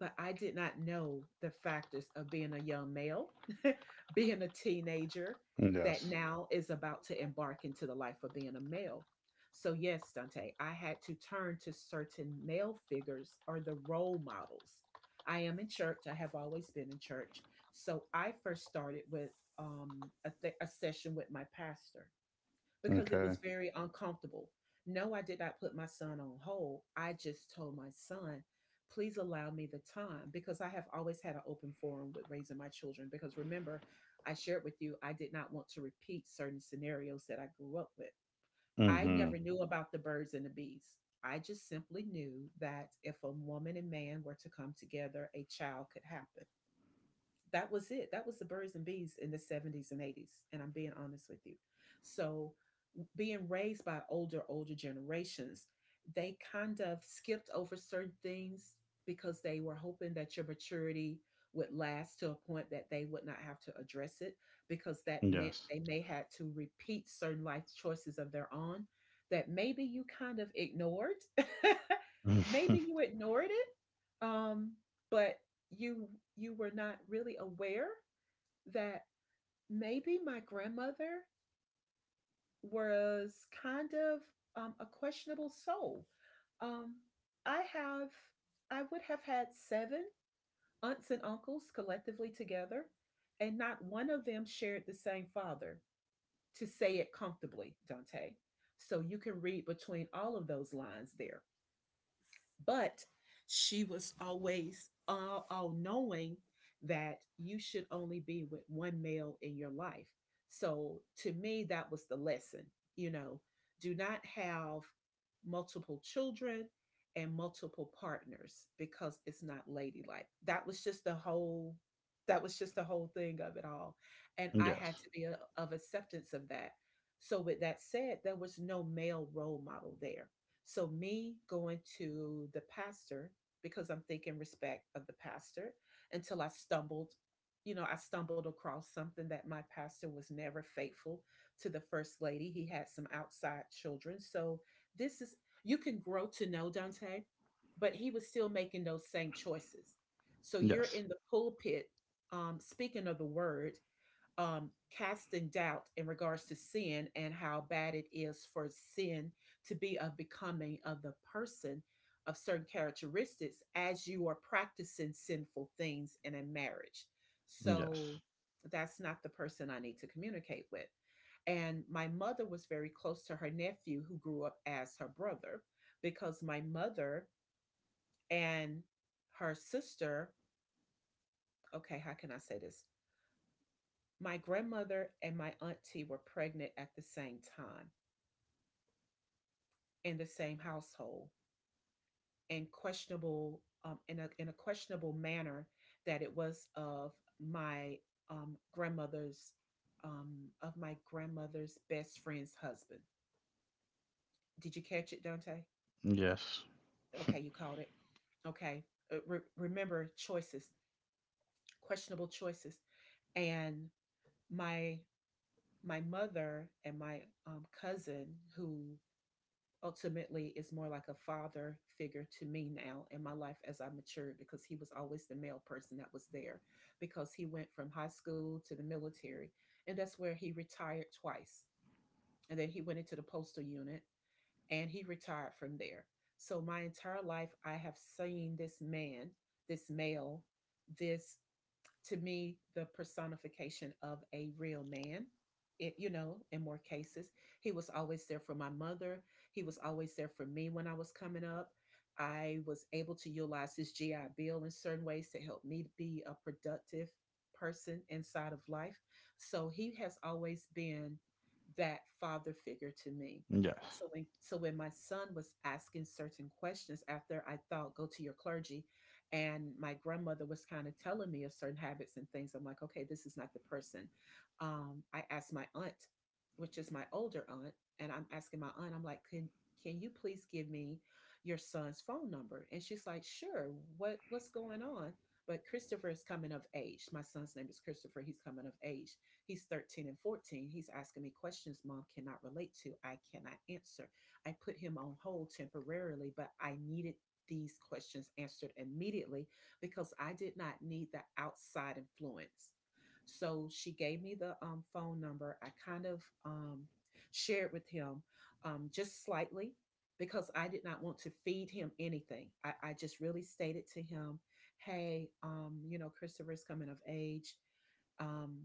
but I did not know the factors of being a young male, *laughs* being a teenager that
Yes.
now is about to embark into the life of being a male. So, yes, Dante, I had to turn to certain male figures or the role models. I am in church. I have always been in church. So, I first started with a session with my pastor because it was
Okay.
very uncomfortable. No, I did not put my son on hold. I just told my son, please allow me the time, because I have always had an open forum with raising my children. Because remember, I shared with you, I did not want to repeat certain scenarios that I grew up with. I
Hmm.
never knew about the birds and the bees. I just simply knew that if a woman and man were to come together, a child could happen. That was it. That was the birds and bees in the '70s and '80s. And I'm being honest with you. So, being raised by older, older generations, they kind of skipped over certain things because they were hoping that your maturity would last to a point that they would not have to address it, because that meant
Yes.
they may had to repeat certain life choices of their own that maybe you kind of ignored. *laughs* Maybe
*laughs*
you ignored it, um, but you you were not really aware that maybe my grandmother was kind of a questionable soul. Um, I have I would have had seven aunts and uncles collectively together, and not one of them shared the same father. To say it comfortably, Dante. So you can read between all of those lines there. But she was always all knowing that you should only be with one male in your life. So to me, that was the lesson. You know, do not have multiple children and multiple partners because it's not ladylike. That was just the whole. That was just the whole thing of it all. And I had
Yes.
to be a, of acceptance of that. So, with that said, there was no male role model there. So me going to the pastor, because I'm thinking respect of the pastor, until I stumbled, you know, I stumbled across something. That my pastor was never faithful to the first lady. He had some outside children. So this is, you can grow to know, Dante, but he was still making those same choices. So you're
Yes.
in the pulpit speaking of the word, um, casting doubt in regards to sin and how bad it is for sin to be of becoming of the person of certain characteristics as you are practicing sinful things in a marriage. So
Yes.
that's not the person I need to communicate with. And my mother was very close to her nephew, who grew up as her brother, because my mother and her sister, okay, how can I say this? My grandmother and my auntie were pregnant at the same time in the same household and questionable in a questionable manner, that it was of my grandmother's of my grandmother's best friend's husband. Did you catch it, Dante?
Yes.
Okay, you caught it. Okay. Remember choices, questionable choices, and my my mother and my cousin, who ultimately is more like a father figure to me now in my life as I matured, because he was always the male person that was there, because he went from high school to the military, and that's where he retired twice, and then he went into the postal unit and he retired from there. So my entire life I have seen this man, this male, this to me the personification of a real man. It, you know, in more cases, he was always there for my mother. He was always there for me when I was coming up. I was able to utilize his GI Bill in certain ways to help me be a productive person inside of life. So he has always been that father figure to me.
Yes.
So when, so when my son was asking certain questions, after I thought go to your clergy, and my grandmother was kind of telling me of certain habits and things, I'm like, okay, this is not the person. I asked my aunt, which is my older aunt, and I'm asking my aunt, I'm like, can you please give me your son's phone number? And she's like, sure. What's going on? But Christopher is coming of age. My son's name is Christopher. He's coming of age. He's 13 and 14. He's asking me questions mom cannot relate to. I cannot answer. I put him on hold temporarily, but I needed these questions answered immediately, because I did not need the outside influence. So she gave me the phone number. I kind of shared with him just slightly, because I did not want to feed him anything. I just really stated to him, hey, you know, Christopher's coming of age. Um,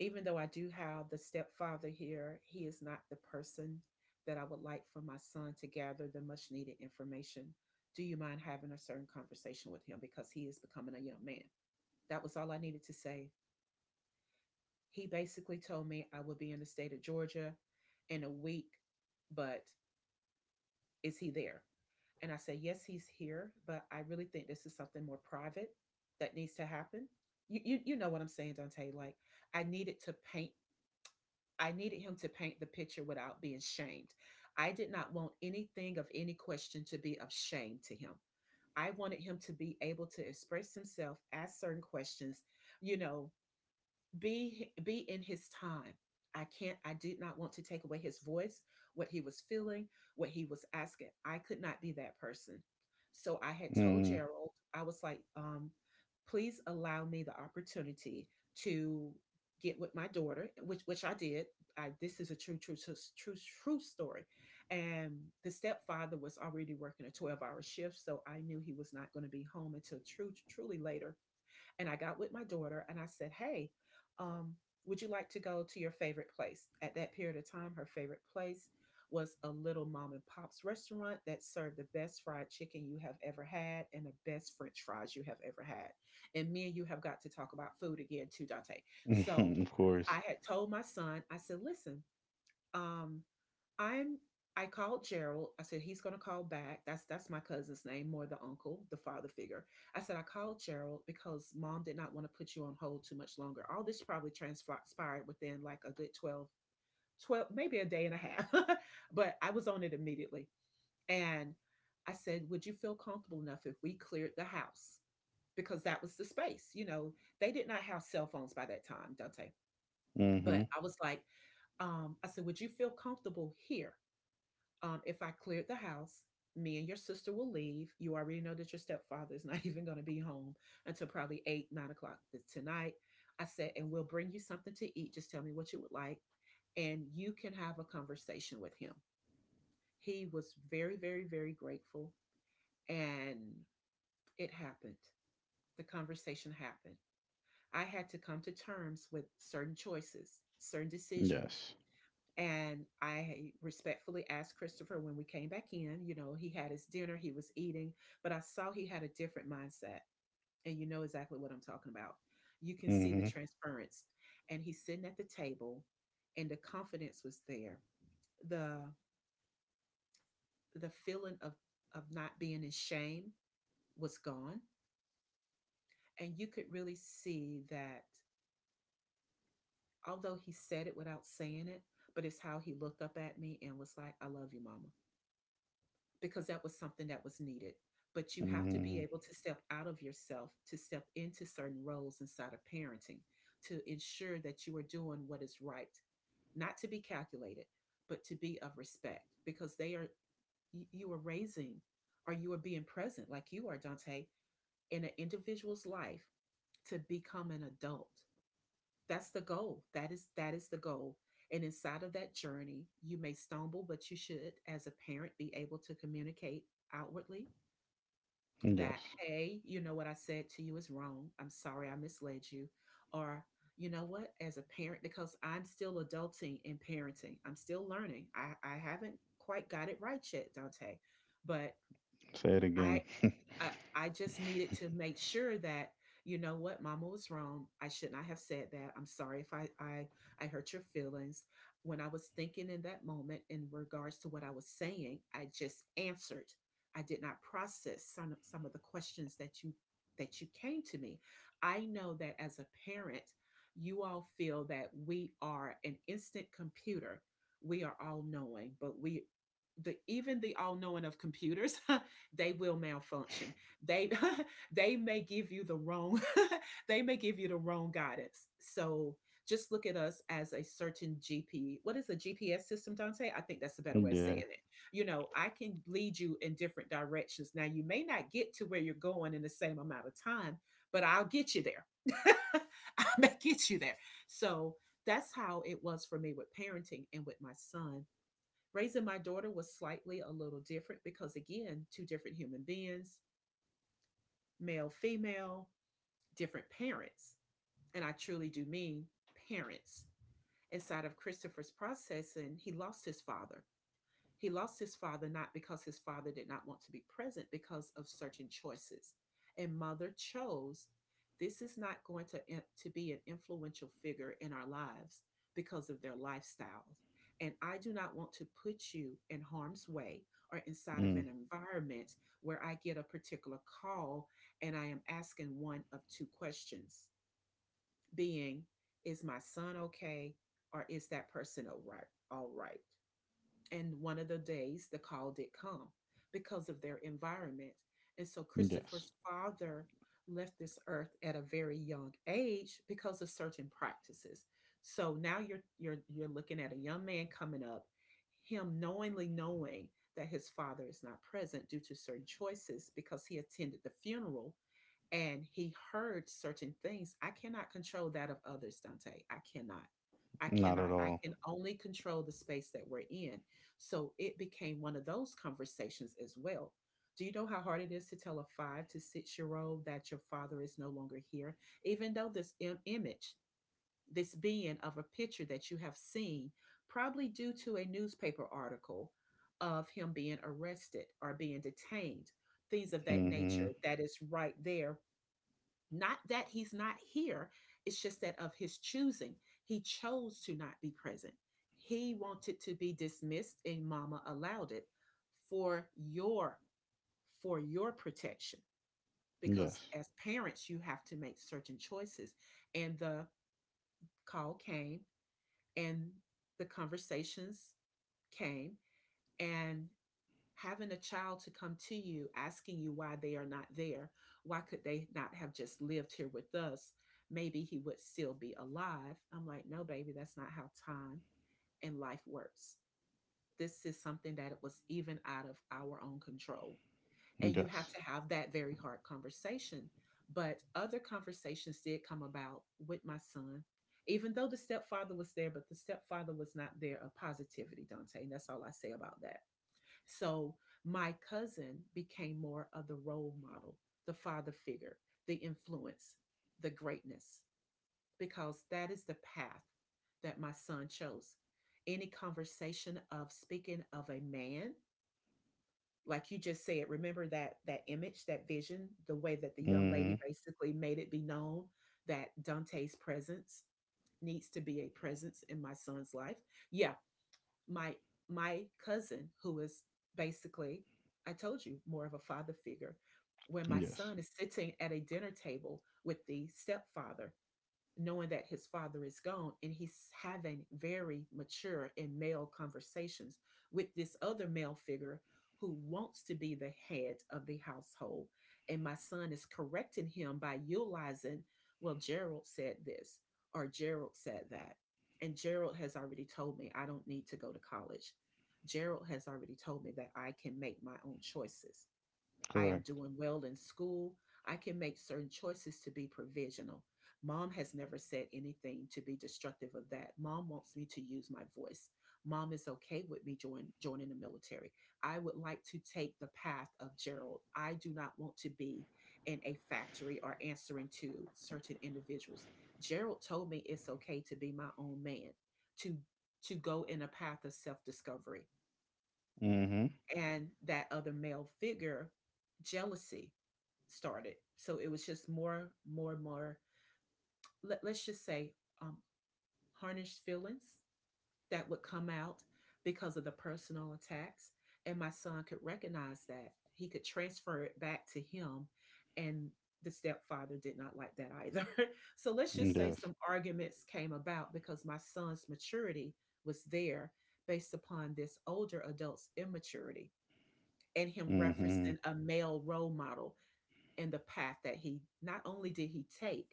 even though I do have the stepfather here, he is not the person that I would like for my son to gather the much needed information. Do you mind having a certain conversation with him, because he is becoming a young man? That was all I needed to say. He basically told me I would be in the state of Georgia in a week, but is he there? And I said, yes, he's here, but I really think this is something more private that needs to happen. You know what I'm saying, Dante? Like, I needed to paint I needed him to paint the picture without being shamed. I did not want anything of any question to be of shame to him. I wanted him to be able to express himself, ask certain questions, you know, be in his time. I did not want to take away his voice, what he was feeling, what he was asking. I could not be that person. So I had told
Mm-hmm.
Gerald, I was like, please allow me the opportunity to get with my daughter, which I did. I This is a true, true, true, true story. And the stepfather was already working a 12-hour hour shift, so I knew he was not going to be home until true truly later. And I got with my daughter and I said, "Hey, um, would you like to go to your favorite place?" At that period of time, her favorite place was a little mom and pop's restaurant that served the best fried chicken you have ever had and the best french fries you have ever had. And me and you have got to talk about food again too, Dante. So
*laughs* Of
I
course.
had told my son, I said, "Listen, um, I'm I called Gerald." I said, "He's going to call back." That's my cousin's name, more the uncle, the father figure. I said I called Gerald because mom did not want to put you on hold too much longer. All this probably transpired within like a good 12, 12, maybe a day and a half. *laughs* But I was on it immediately. And I said, "Would you feel comfortable enough if we cleared the house?" Because that was the space, you know. They did not have cell phones by that time, Dante. But
Hmm.
I was like, I said, "Would you feel comfortable here, if I cleared the house? Me and your sister will leave. You already know that your stepfather is *laughs* not even going to be home until probably eight, 9 o'clock tonight." I said, "And we'll bring you something to eat. Just tell me what you would like, and you can have a conversation with him." He was very, very, very grateful, and it happened. The conversation happened. I had to come to terms with certain choices, certain decisions,
Yes.
and I respectfully asked Christopher when we came back in, you know, he had his dinner, he was eating, but I saw he had a different mindset. And you know exactly what I'm talking about. You can see the
Hmm.
transference. And he's sitting at the table and the confidence was there. The the feeling of not being in shame was gone. And you could really see that, although he said it without saying it, but it's how he looked up at me and was like, "I love you, mama," because that was something that was needed. But you have to be
Hmm.
able to step out of yourself to step into certain roles inside of parenting to ensure that you are doing what is right, not to be calculated, but to be of respect because they are you are raising, or you are being present like you are, Dante, in an individual's life, to become an adult. That's the goal. That is the goal. And inside of that journey, you may stumble, but you should, as a parent, be able to communicate outwardly that,
Yes.
hey, you know what I said to you is wrong. I'm sorry I misled you. Or, you know what, as a parent, because I'm still adulting in parenting, I'm still learning. I haven't quite got it right yet, Dante, but
Say it
I
again. *laughs*
I just needed to make sure that, you know what, mama was wrong. I should not have said that. I'm sorry if I I hurt your feelings. When I was thinking in that moment, in regards to what I was saying, I just answered. I did not process some of the questions that you came to me. I know that as a parent, you all feel that we are an instant computer, we are all knowing, but we the even the all knowing of computers *laughs* they will malfunction. They *laughs* they may give you the wrong *laughs* they may give you the wrong guidance. So just look at us as a certain GP. What is a GPS system, Dante? I think that's a better way of saying
Yeah.
it. You know, I can lead you in different directions. Now you may not get to where you're going in the same amount of time, but I'll get you there. *laughs* I may get you there. So that's how it was for me with parenting and with my son. Raising my daughter was slightly a little different because, again, two different human beings, male, female, different parents. And I truly do mean parents. Inside of Christopher's processing, he lost his father. He lost his father not because his father did not want to be present, because of certain choices. And mother chose this is not going to be an influential figure in our lives because of their lifestyles. And I do not want to put you in harm's way or inside of
Mm.
an environment where I get a particular call and I am asking one of two questions, being, is my son okay? Or is that person all right? All right. And one of the days the call did come because of their environment. And so Christopher's
Yes.
father left this earth at a very young age because of certain practices. So now you're looking at a young man coming up, him knowingly knowing that his father is not present due to certain choices because he attended the funeral and he heard certain things. I cannot control that of others, Dante. I cannot. I
Not
cannot.
at
I
all.
can only control the space that we're in. So it became one of those conversations as well. Do you know how hard it is to tell a 5 to 6 year old that your father is no longer here? Even though this image, this being of a picture that you have seen, probably due to a newspaper article of him being arrested or being detained, things of that nature,
Mm-hmm.
that is right there, not that he's not here, it's just that of his choosing. He chose to not be present. He wanted to be dismissed, and mama allowed it for your for your protection, because
Yes.
as parents you have to make certain choices. And the call came, and the conversations came, and having a child to come to you asking you why they are not there, why could they not have just lived here with us, maybe he would still be alive. I'm like, no, baby, that's not how time and life works. This is something that it was even out of our own control, and you have to
Yes.
have that very hard conversation. But other conversations did come about with my son. Even though the stepfather was there, but the stepfather was not there of positivity, Dante, and that's all I say about that. So my cousin became more of the role model, the father figure, the influence, the greatness, because that is the path that my son chose. Any conversation of speaking of a man, like you just said, remember that that image, that vision, the way that the young lady
Mm-hmm.
basically made it be known that Dante's presence needs to be a presence in my son's life. Yeah, my my cousin who is basically, I told you, more of a father figure. When my son
Yes.
is sitting at a dinner table with the stepfather, knowing that his father is gone, and he's having very mature and male conversations with this other male figure who wants to be the head of the household, and my son is correcting him by utilizing, well, Gerald said this, or Gerald said that, and Gerald has already told me I don't need to go to college, Gerald has already told me that I can make my own choices. I am
Correct.
doing well in school. I can make certain choices to be provisional. Mom has never said anything to be destructive of that. Mom wants me to use my voice. Mom is okay with me joining the military. I would like to take the path of Gerald. I do not want to be in a factory or answering to certain individuals. Gerald told me it's okay to be my own man, to to go in a path of self-discovery.
Mm-hmm.
And that other male figure, jealousy started. So it was just more, more, more. Let's just say, um, harnessed feelings that would come out because of the personal attacks. And my son could recognize that. He could transfer it back to him. And the stepfather did not like that either. *laughs* So let's just say some
Yes.
arguments came about because my son's maturity was there, based upon this older adult's immaturity, and him referencing
Mm-hmm.
a male role model, and the path that he not only did he take,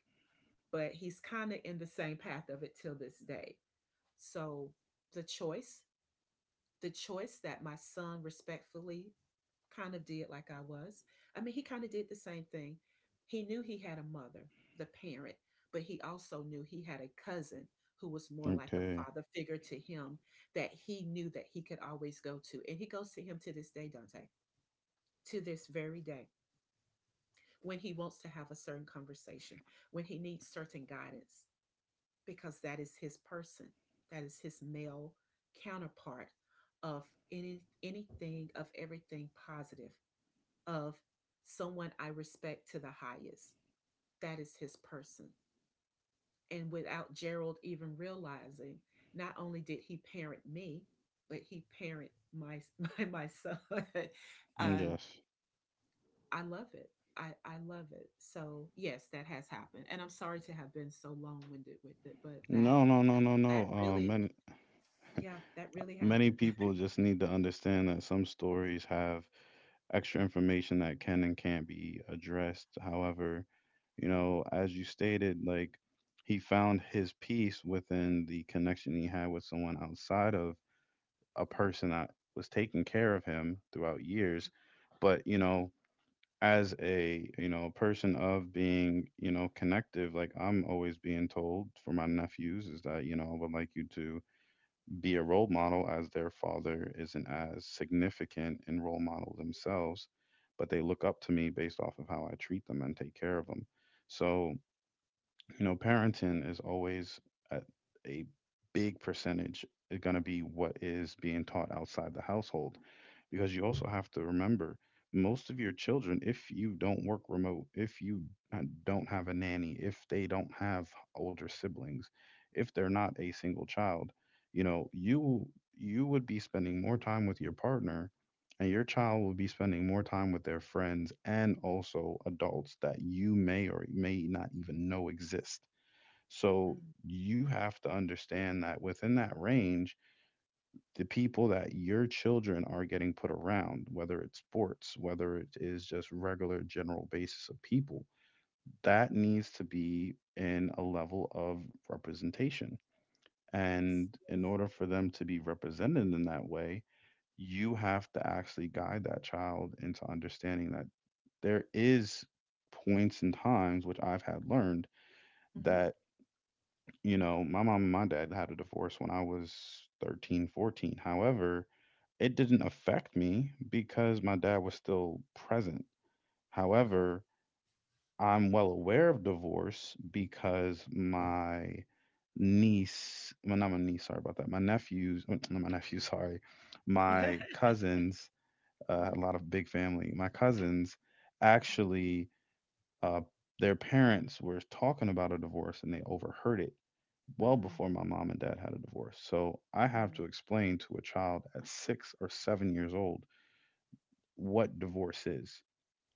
but he's kind of in the same path of it till this day. So the choice, the choice that my son respectfully kind of did like I was. I mean, he kind of did the same thing. He knew he had a mother, the parent, but he also knew he had a cousin who was more like a
Okay.
father figure to him, that he knew that he could always go to. And he goes to him to this day, Dante, to this very day, when he wants to have a certain conversation, when he needs certain guidance, because that is his person. That is his male counterpart of anything of everything positive of someone I respect to the highest. That is his person. And without Gerald even realizing, not only did he parent me, but he parent my *laughs* my son. *laughs* Um,
Yes.
I love it. I love it. So yes, that has happened. And I'm sorry to have been so long winded with it, but
No, no, no, no,
that
no.
really
Many,
yeah, that really
many
happened. *laughs*
people just need to understand that some stories have extra information that can and can't be addressed. However, you know, as you stated, like he found his peace within the connection he had with someone outside of a
Yeah.
person that was taking care of him throughout years. But,
Yeah.
you know, as a, you know, person of being, you know, connective, like I'm always being told for my nephews is that, you know, I would like you to be a role model as their father isn't as significant in role model themselves, but they look up to me based off of how I treat them and take care of them. So you know, parenting is always a, a big percentage going to be what is being taught outside the household, because you also have to remember most of your children, if you don't work remote, if you uh, don't have a nanny, if they don't have older siblings, if they're not a single child, you know, you would be spending more time with your partner and your child will be spending more time with their friends and also adults that you may or may not even know exist. So
Mm.
you have to understand that within that range, the people that your children are getting put around, whether it's sports, whether it is just regular general basis of people, that needs to be in a level of representation.
Yes.
And
Yes.
in order for them to be represented in that way, you have to actually guide that child into understanding that there is points and times which I've had learned that,
Hmm.
you know, my mom and my dad had a divorce when I was 13, 14. However, it didn't affect me because my dad was still present.
Okay.
However, I'm well aware of divorce because my niece, well, not my niece, sorry about that, my nephews, oh, not my nephew, *laughs* sorry,
Okay.
my
*laughs*
cousins, a
Hmm.
lot of big family, my cousins
Hmm.
actually, uh, their parents were talking about a divorce and they overheard it well
Mm.
before my mom and dad had a divorce. So I have
Mm.
to explain to a child at 6 or 7 years old what divorce is.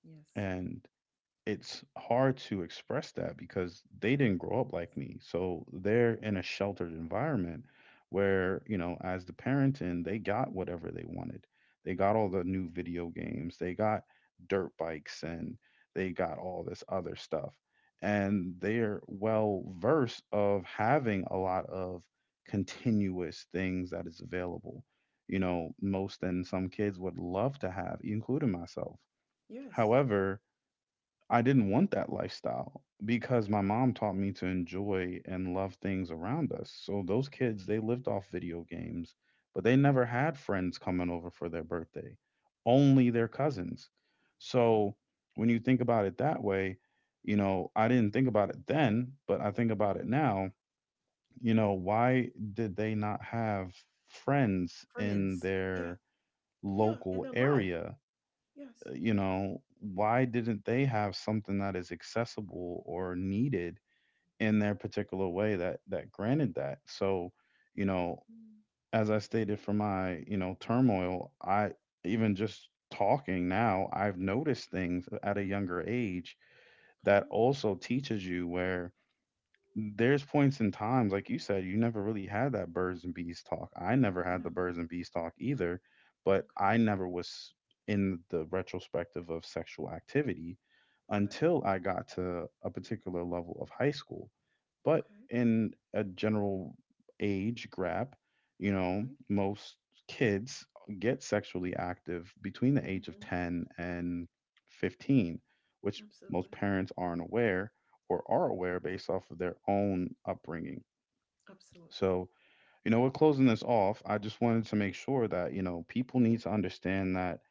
Yes.
And it's hard to express that because they didn't grow up like me. So they're in a sheltered environment where, you know, as the parent, and they got whatever they wanted. They got all the new video games, they got dirt bikes and they got all this other stuff. And they're well versed of having a lot of continuous things that is available. You know, most and some kids would love to have, including myself.
Yes.
However, I didn't want that lifestyle because
Mm.
my mom taught me to enjoy and love things around us. So those
Yeah.
kids, they lived off video games, but they
Hmm.
never had friends coming over for their birthday, only their cousins.
Wow.
So when you think about it that way, I didn't think about it then, but I think about
Hmm.
it now. You know, why did they not have friends in
Friends. Yeah.
their
Yeah. And
local
their life.
area.
Yes.
Why didn't they have something that is accessible or needed in their particular way that granted that? So, you know,
Mm-hmm.
as I stated for my, turmoil, I even just talking now, I've noticed things at a younger age
Huh?
that also teaches you where there's points in times, like you said, you never really had that birds and bees talk. I never had the
No.
birds and bees talk either, but
Okay.
I never was in the retrospective of sexual activity
Okay.
until I got to a particular level of high school. But
Okay.
in a general age grab,
Hmm.
most kids get sexually active between the age of
Hmm.
10 and 15, which
Absolutely.
most parents aren't aware or are aware based off of their own upbringing.
Absolutely.
So, we're closing this off. I just wanted to make sure that,
*laughs*
people need
Absolutely.
to understand that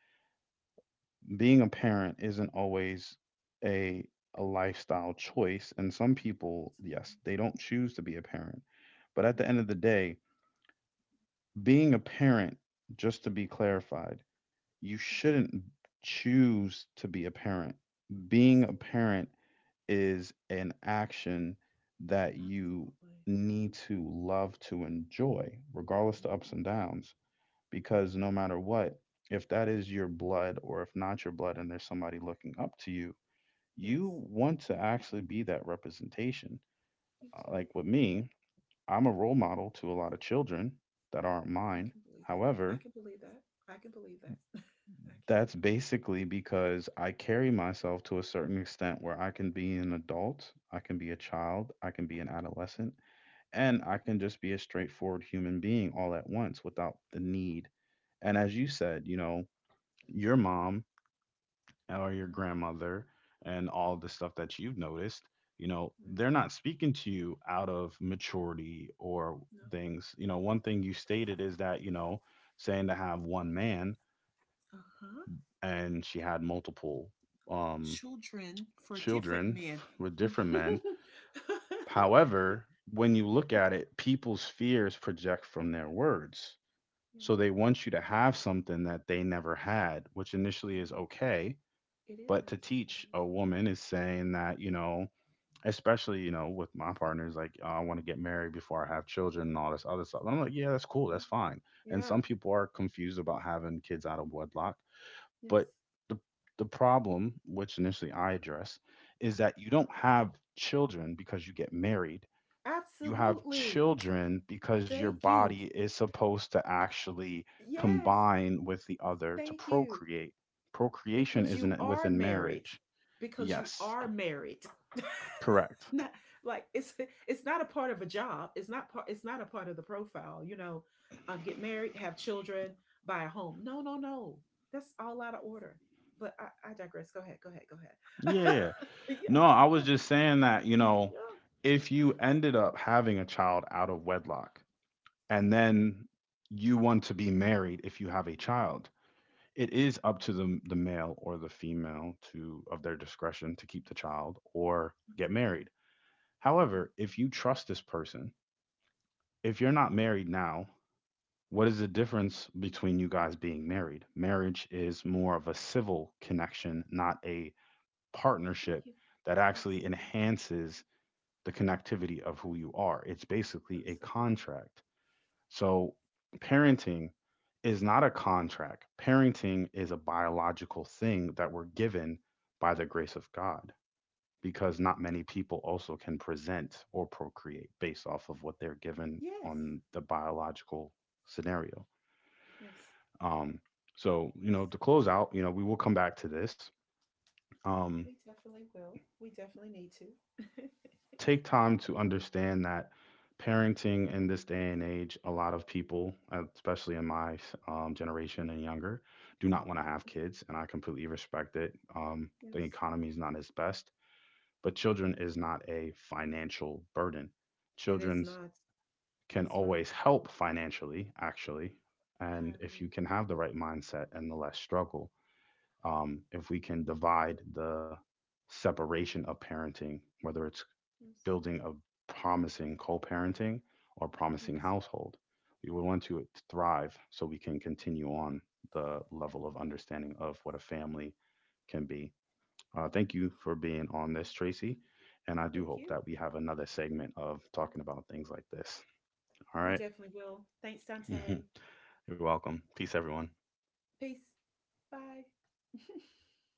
being a parent isn't always a a lifestyle choice and some people, yes, they don't choose to be a parent. But at the
No,
end of the day, being a parent, just to be clarified, you shouldn't choose to be a parent. Being a
absolutely.
parent is an action that you
Absolutely.
need to love to enjoy, regardless to ups
Hmm.
and downs. Because no matter what, if that is your blood or if not your blood, and there's somebody looking up to you,
Yes,
you want to actually be that representation.
you too.
Like with me, I'm a role
Yeah,
model to a lot of children that aren't
I
mine.
can believe it. I
However,
can believe that. I can believe that. *laughs* I can.
that's basically because I carry myself to a certain extent where I can be an adult, I can be a child, I can be an adolescent, and I
Hmm.
can just be a straightforward human being all at once without the need. And as you said, your
Yeah,
mom or your
yeah,
grandmother and all
hmm,
the stuff that you've noticed,
yeah.
they're not speaking to you out of maturity or
No.
things. You know, one thing you stated is that, saying to have one man
Uh huh.
and she had multiple um
Children for different
children
men.
with
*laughs*
different
Yeah,
men. However, when you look at it, people's fears project from their words. So they want you to have something that they never had, which initially is
yeah.
okay.
It
But
is.
to
It
teach
is.
a woman is saying that, especially, with my partners, like, "Oh, I want to get married before I have children and all this other stuff." And I'm like, yeah, that's cool.
Yeah.
That's fine. And
Yeah.
some people are confused about having kids out of wedlock. But
Yes.
the, the problem, which initially I address, is that you don't have children because you get married, you have
Absolutely.
children because your
Thank you.
body is supposed to actually
Yes.
combine with the other to
Thank you.
procreate. Procreation
Because you
isn't
are
within
married.
marriage.
because you
Yes,
are married *laughs*
correct.
not like it's not a part of a job. It's not a part of the profile, you know. Get married, have children, buy a home. No, no, no, that's all out of order. But I digress. Go ahead,
Yeah.
*laughs* yeah.
No, I was
Yeah.
just saying that,
Yeah.
if you ended up having a child out of wedlock and then you want to be married if you have a child, it is up to the male or the female to of their discretion to keep the child or get
Absolutely.
married.
Yeah.
However, if you trust this person, if you're not married now, what is the difference between you guys being married? Marriage is more of a civil connection, not a
Thank
partnership
you.
that actually
Absolutely.
enhances the
Yeah.
connectivity of who you are. It's basically a
Absolutely.
contract. So, parenting is not a contract, parenting is a biological thing that we're given by the grace of God
You're
because not
right.
many people also can present or procreate based off of what they're given
Yes.
on the biological scenario.
Yes.
Um, so,
Yes,
to close out, we will come back to this. Um,
we definitely will. We definitely need to. *laughs*
take time to understand that parenting in this day and age, a lot of people, especially in my generation and younger, do not want to have kids, and I completely respect it. The
Yes.
economy is not its best, but children is not a financial burden.
It is
Children's
not.
can
That's right.
always help financially, actually.
I
And if you
agree.
can have the right mindset and the less struggle, if we can divide the separation of parenting, whether it's
Yes.
building a promising co parenting or promising
Yes.
household, we would want to thrive so we can continue on the level of understanding of what a family can be. Thank you for being on this, Tracy. And I
Thank
do hope
you.
that we have another segment of talking about things like this. All
We
right.
definitely will. Thanks,
*laughs*
Dante.
You're welcome. Peace, everyone.
Peace. Bye. *laughs*